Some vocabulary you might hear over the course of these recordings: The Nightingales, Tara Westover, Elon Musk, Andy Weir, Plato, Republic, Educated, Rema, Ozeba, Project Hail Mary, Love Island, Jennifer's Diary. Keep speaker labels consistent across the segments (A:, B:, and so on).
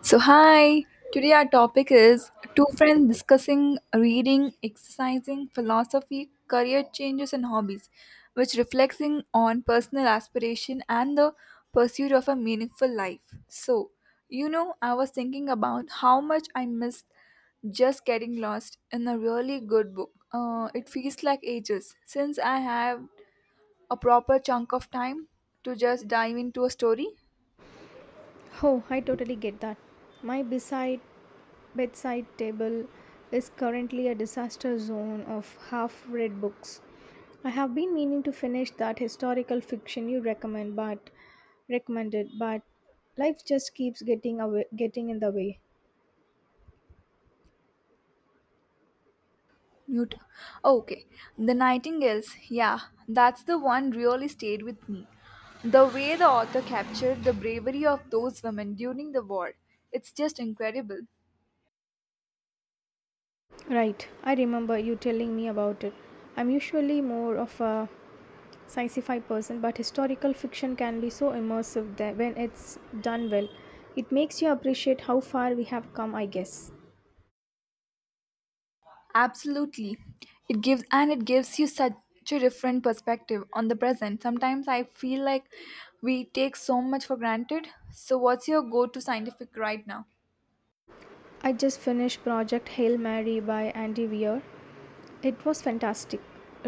A: So, hi, today our topic is two friends discussing reading, exercising, philosophy, career changes, and hobbies, which reflecting on personal aspiration and the pursuit of a meaningful life. So, you know, I was thinking about how much I missed just getting lost in a really good book. It feels like ages since I have a proper chunk of time to just dive into a story.
B: Oh, I totally get that. My beside bedside table is currently a disaster zone of half read books. I have been meaning to finish that historical fiction you recommended but life just keeps getting in the way.
A: Mute. Okay, The Nightingales. Yeah, that's the one really stayed with me. The way the author captured the bravery of those women during the war, it's just incredible.
B: Right. I remember you telling me about it. I'm usually more of a sci-fi person but historical fiction can be so immersive that when it's done well it makes you appreciate how far we have come, I guess.
A: Absolutely. It gives you such a different perspective on the present. Sometimes I feel like we take so much for granted. So what's your go-to scientific right now?
B: I just finished Project Hail Mary by Andy Weir. It was fantastic,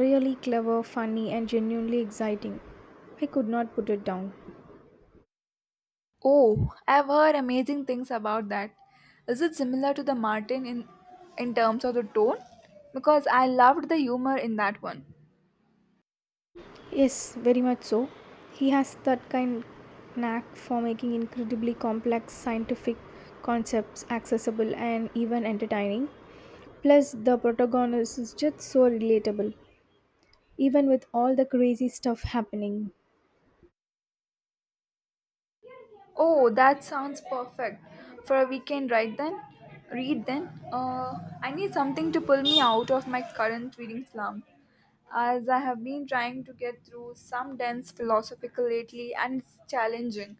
B: really clever, funny and genuinely exciting. I could not put it down.
A: Oh, I've heard amazing things about that. Is it similar to the Martin in terms of the tone? Because I loved the humor in that one.
B: Yes, very much so. He has that kind knack for making incredibly complex scientific concepts accessible and even entertaining. Plus, the protagonist is just so relatable, even with all the crazy stuff happening.
A: Oh, that sounds perfect for a weekend right then. Read then. I need something to pull me out of my current reading slump, as I have been trying to get through some dense philosophical lately, and it's challenging.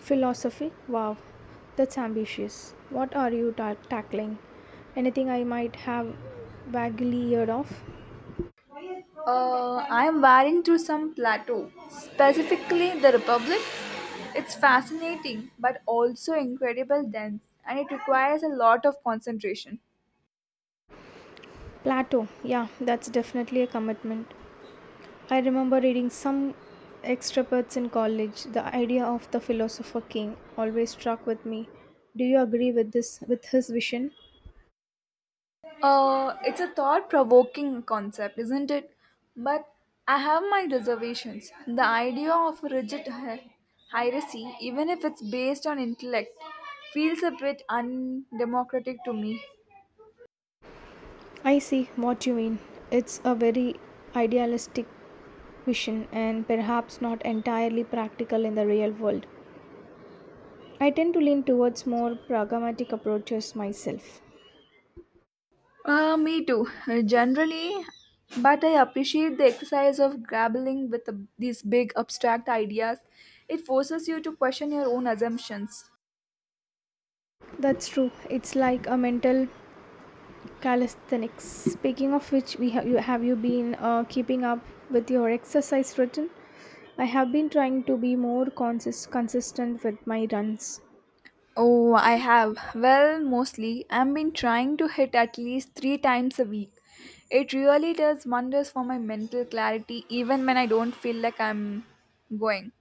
B: Philosophy? Wow, that's ambitious. What are you tackling? Anything I might have vaguely heard of?
A: I am wearing through some plateau, specifically the Republic. It's fascinating but also incredible dense, and it requires a lot of concentration.
B: Plato, yeah, that's definitely a commitment. I remember reading some extraparts in college. The idea of the philosopher king always struck with me. Do you agree with this with his vision?
A: It's a thought provoking concept, isn't it? But I have my reservations. The idea of rigid hierarchy, even if it's based on intellect, feels a bit undemocratic to me.
B: I see what you mean. It's a very idealistic vision and perhaps not entirely practical in the real world. I tend to lean towards more pragmatic approaches myself.
A: Me too, generally, but I appreciate the exercise of grappling with these big abstract ideas. It forces you to question your own assumptions.
B: That's true. It's like a mental Calisthenics. Speaking of which, we have you been keeping up with your exercise routine? I have been trying to be more consistent with my runs.
A: Oh, I have. Well, mostly, I've been trying to hit at least three times a week. It really does wonders for my mental clarity, even when I don't feel like I'm going.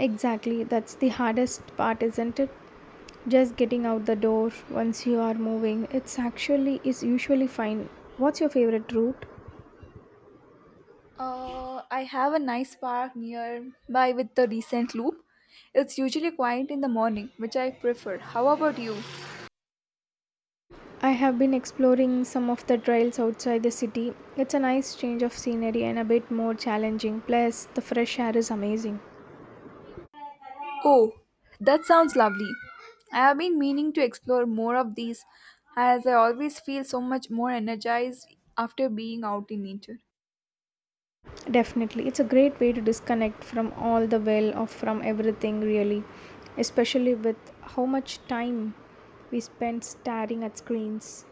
B: Exactly, that's the hardest part, isn't it? Just getting out the door. Once you are moving, it's actually is usually fine. What's your favorite route?
A: I have a nice park nearby with the recent loop. It's usually quiet in the morning, which I prefer. How about you?
B: I have been exploring some of the trails outside the city. It's a nice change of scenery and a bit more challenging. Plus, the fresh air is amazing.
A: Oh, that sounds lovely. I have been meaning to explore more of these as I always feel so much more energized after being out in nature.
B: Definitely. It's a great way to disconnect from all the well of from everything, really, especially with how much time we spend staring at screens.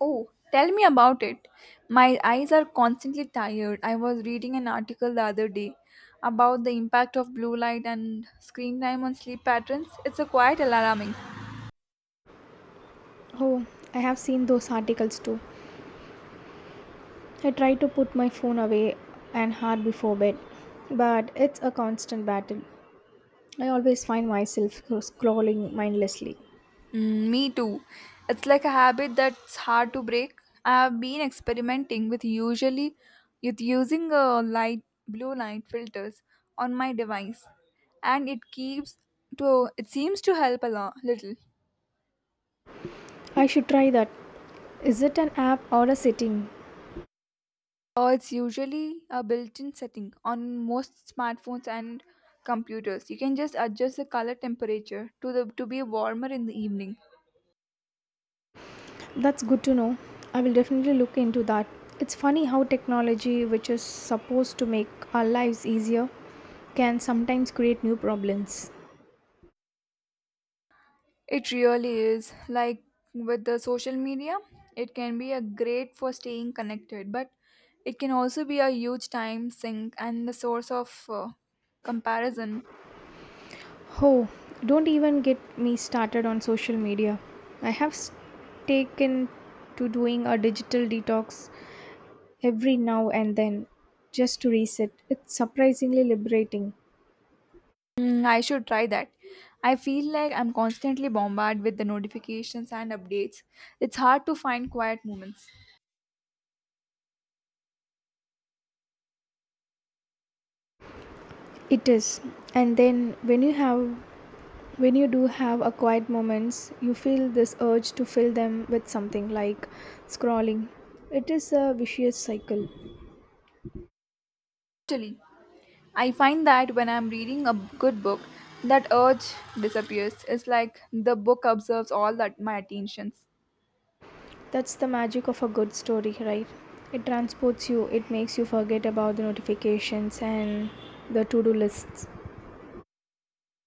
A: Oh, tell me about it. My eyes are constantly tired. I was reading an article the other day about the impact of blue light and screen time on sleep patterns. It's a quite alarming.
B: Oh, I have seen those articles too. I try to put my phone away and hard before bed, but it's a constant battle. I always find myself scrolling mindlessly.
A: Me too. It's like a habit that's hard to break. I have been experimenting with usually with using a light blue light filters on my device, and it seems to help a lot, little.
B: I should try that. Is it an app or a setting?
A: Or it's usually a built-in setting on most smartphones and computers. You can just adjust the color temperature to be warmer in the evening.
B: That's good to know. I will definitely look into that. It's funny how technology, which is supposed to make our lives easier, can sometimes create new problems.
A: It really is. Like with the social media, it can be a great for staying connected, but it can also be a huge time sink and the source of comparison.
B: Oh, don't even get me started on social media. I have taken to doing a digital detox every now and then just to reset. It's surprisingly liberating.
A: I should try that. I feel like I'm constantly bombarded with the notifications and updates. It's hard to find quiet moments.
B: It is. And then when you do have a quiet moments, you feel this urge to fill them with something like scrolling. It is a vicious cycle.
A: Actually, I find that when I'm reading a good book, that urge disappears. It's like the book absorbs all that my attentions.
B: That's the magic of a good story, right? It transports you. It makes you forget about the notifications and the to-do lists.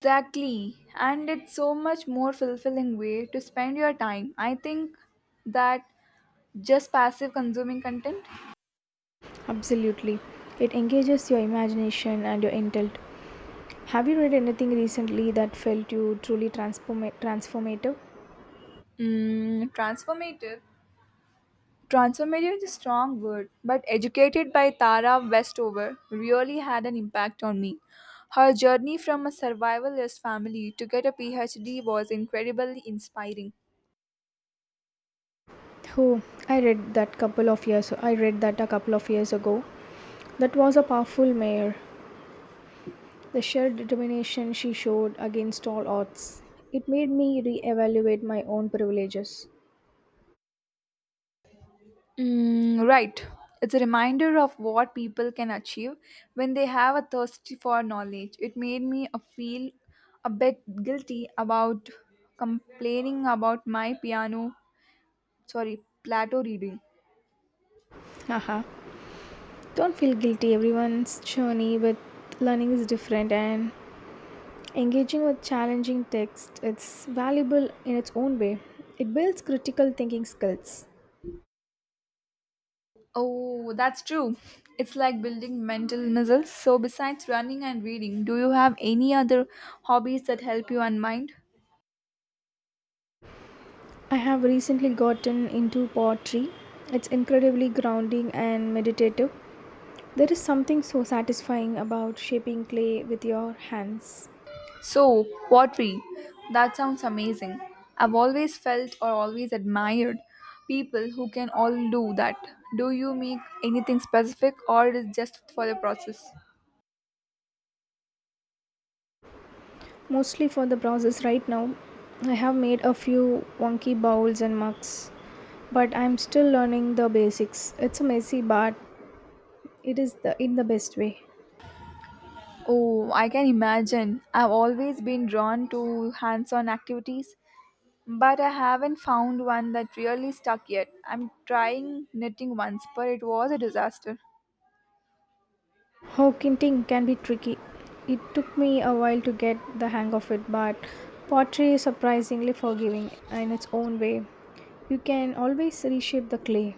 A: Exactly. And it's so much more fulfilling way to spend your time. I think that just passive consuming content,
B: Absolutely, it engages your imagination and your intellect. Have you read anything recently that felt you truly transformative?
A: transformative. Transformative is a strong word, but educated by Tara Westover really had an impact on me. Her journey from a survivalist family to get a PhD was incredibly inspiring.
B: Oh, I read that a couple of years ago. That was a powerful mayor. The sheer determination she showed against all odds. It made me re-evaluate my own privileges.
A: Right. It's a reminder of what people can achieve when they have a thirst for knowledge. It made me a feel a bit guilty about complaining about my piano, sorry, Plato reading.
B: Haha. Don't feel guilty. Everyone's journey with learning is different, and engaging with challenging text, it's valuable in its own way. It builds critical thinking skills.
A: Oh, that's true. It's like building mental muscles. So, besides running and reading, do you have any other hobbies that help you unwind?
B: I have recently gotten into poetry. It's incredibly grounding and meditative. There is something so satisfying about shaping clay with your hands.
A: So, pottery. That sounds amazing. I've always felt or always admired people who can all do that. Do you make anything specific or it is just for the process?
B: Mostly for the process right now. I have made a few wonky bowls and mugs, but I'm still learning the basics. It's a messy, but it is the in the best way.
A: Oh, I can imagine. I've always been drawn to hands on activities, but I haven't found one that really stuck yet. I'm trying knitting once, but it was a disaster.
B: How kinting can be tricky. It took me a while to get the hang of it, but pottery is surprisingly forgiving in its own way. You can always reshape the clay.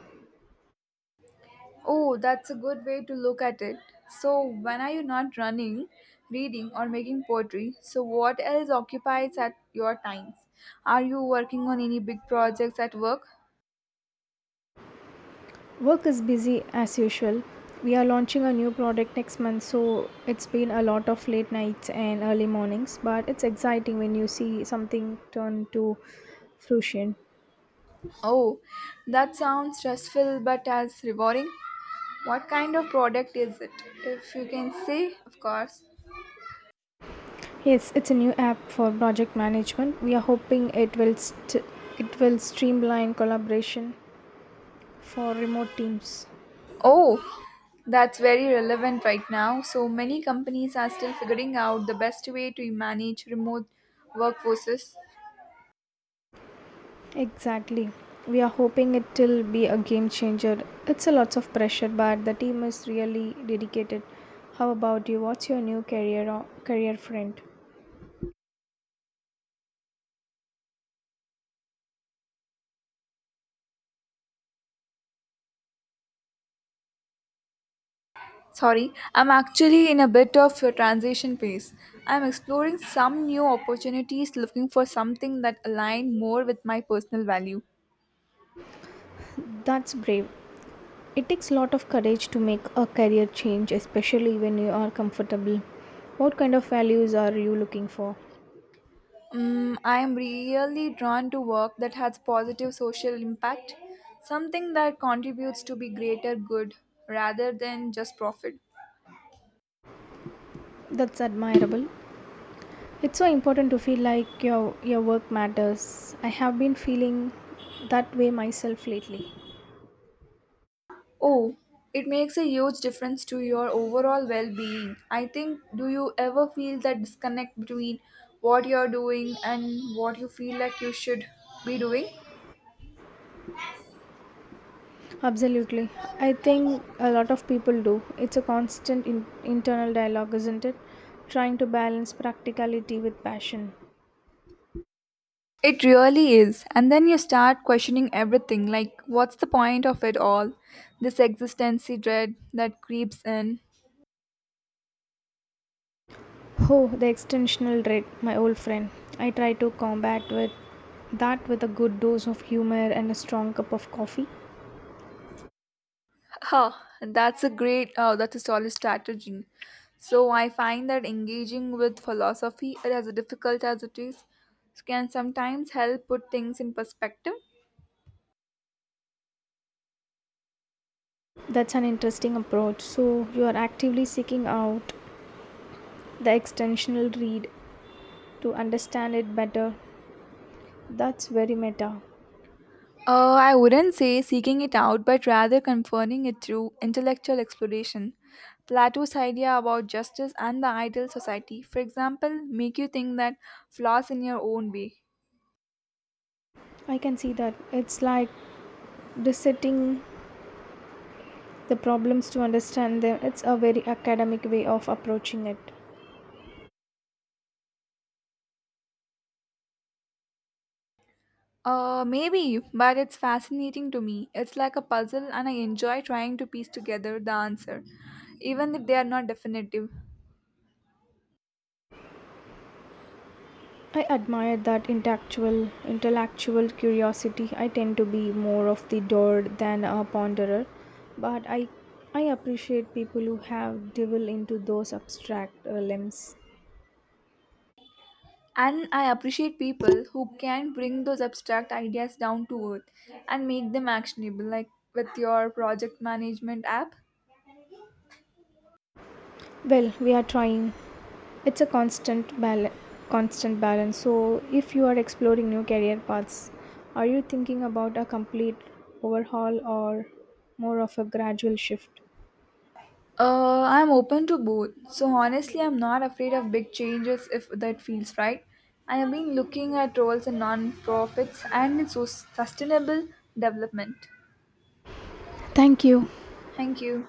A: Oh, that's a good way to look at it. So, when are you not running, reading, or making poetry? So, what else occupies at your times? Are you working on any big projects at work?
B: Work is busy as usual. We are launching a new product next month, so it's been a lot of late nights and early mornings, but it's exciting when you see something turn to fruition.
A: Oh, that sounds stressful but as rewarding. What kind of product is it? If you can say, of course.
B: Yes, it's a new app for project management. We are hoping it will streamline collaboration for remote teams.
A: Oh, that's very relevant right now. So many companies are still figuring out the best way to manage remote workforces.
B: Exactly. We are hoping it will be a game changer. It's a lots of pressure, but the team is really dedicated. How about you? What's your new career or career friend?
A: Sorry, I'm actually in a bit of a transition phase. I'm exploring some new opportunities looking for something that align more with my personal value.
B: That's brave. It takes a lot of courage to make a career change, especially when you are comfortable. What kind of values are you looking for?
A: I am really drawn to work that has positive social impact, something that contributes to be greater good rather than just profit.
B: That's admirable. It's so important to feel like your work matters. I have been feeling that way myself lately.
A: Oh, it makes a huge difference to your overall well being. I think, do you ever feel that disconnect between what you're doing and what you feel like you should be doing?
B: Absolutely. I think a lot of people do. It's a constant internal dialogue, isn't it? Trying to balance practicality with passion.
A: It really is. And then you start questioning everything like, what's the point of it all? This existency dread that creeps in.
B: Oh, the extensional dread, my old friend. I try to combat with that with a good dose of humor and a strong cup of coffee.
A: Huh, and that's a great, oh, that's a solid strategy. So I find that engaging with philosophy, as difficult as it is, can sometimes help put things in perspective.
B: That's an interesting approach. So, you are actively seeking out the extensional read to understand it better. That's very meta.
A: I wouldn't say seeking it out, but rather confirming it through intellectual exploration. Plato's idea about justice and the ideal society, for example, make you think that flaws in your own way.
B: I can see that. It's like dissecting the problems to understand them. It's a very academic way of approaching it.
A: Maybe, but it's fascinating to me. It's like a puzzle, and I enjoy trying to piece together the answer, even if they are not definitive.
B: I admire that intellectual curiosity. I tend to be more of the doer than a ponderer, but I appreciate people who have devil into those abstract limbs.
A: And I appreciate people who can bring those abstract ideas down to earth and make them actionable, like with your project management app.
B: Well, we are trying. It's a constant balance. So, if you are exploring new career paths, are you thinking about a complete overhaul or more of a gradual shift?
A: I'm open to both, so honestly, I'm not afraid of big changes if that feels right. I have been looking at roles in non-profits and in sustainable development.
B: Thank you.
A: Thank you.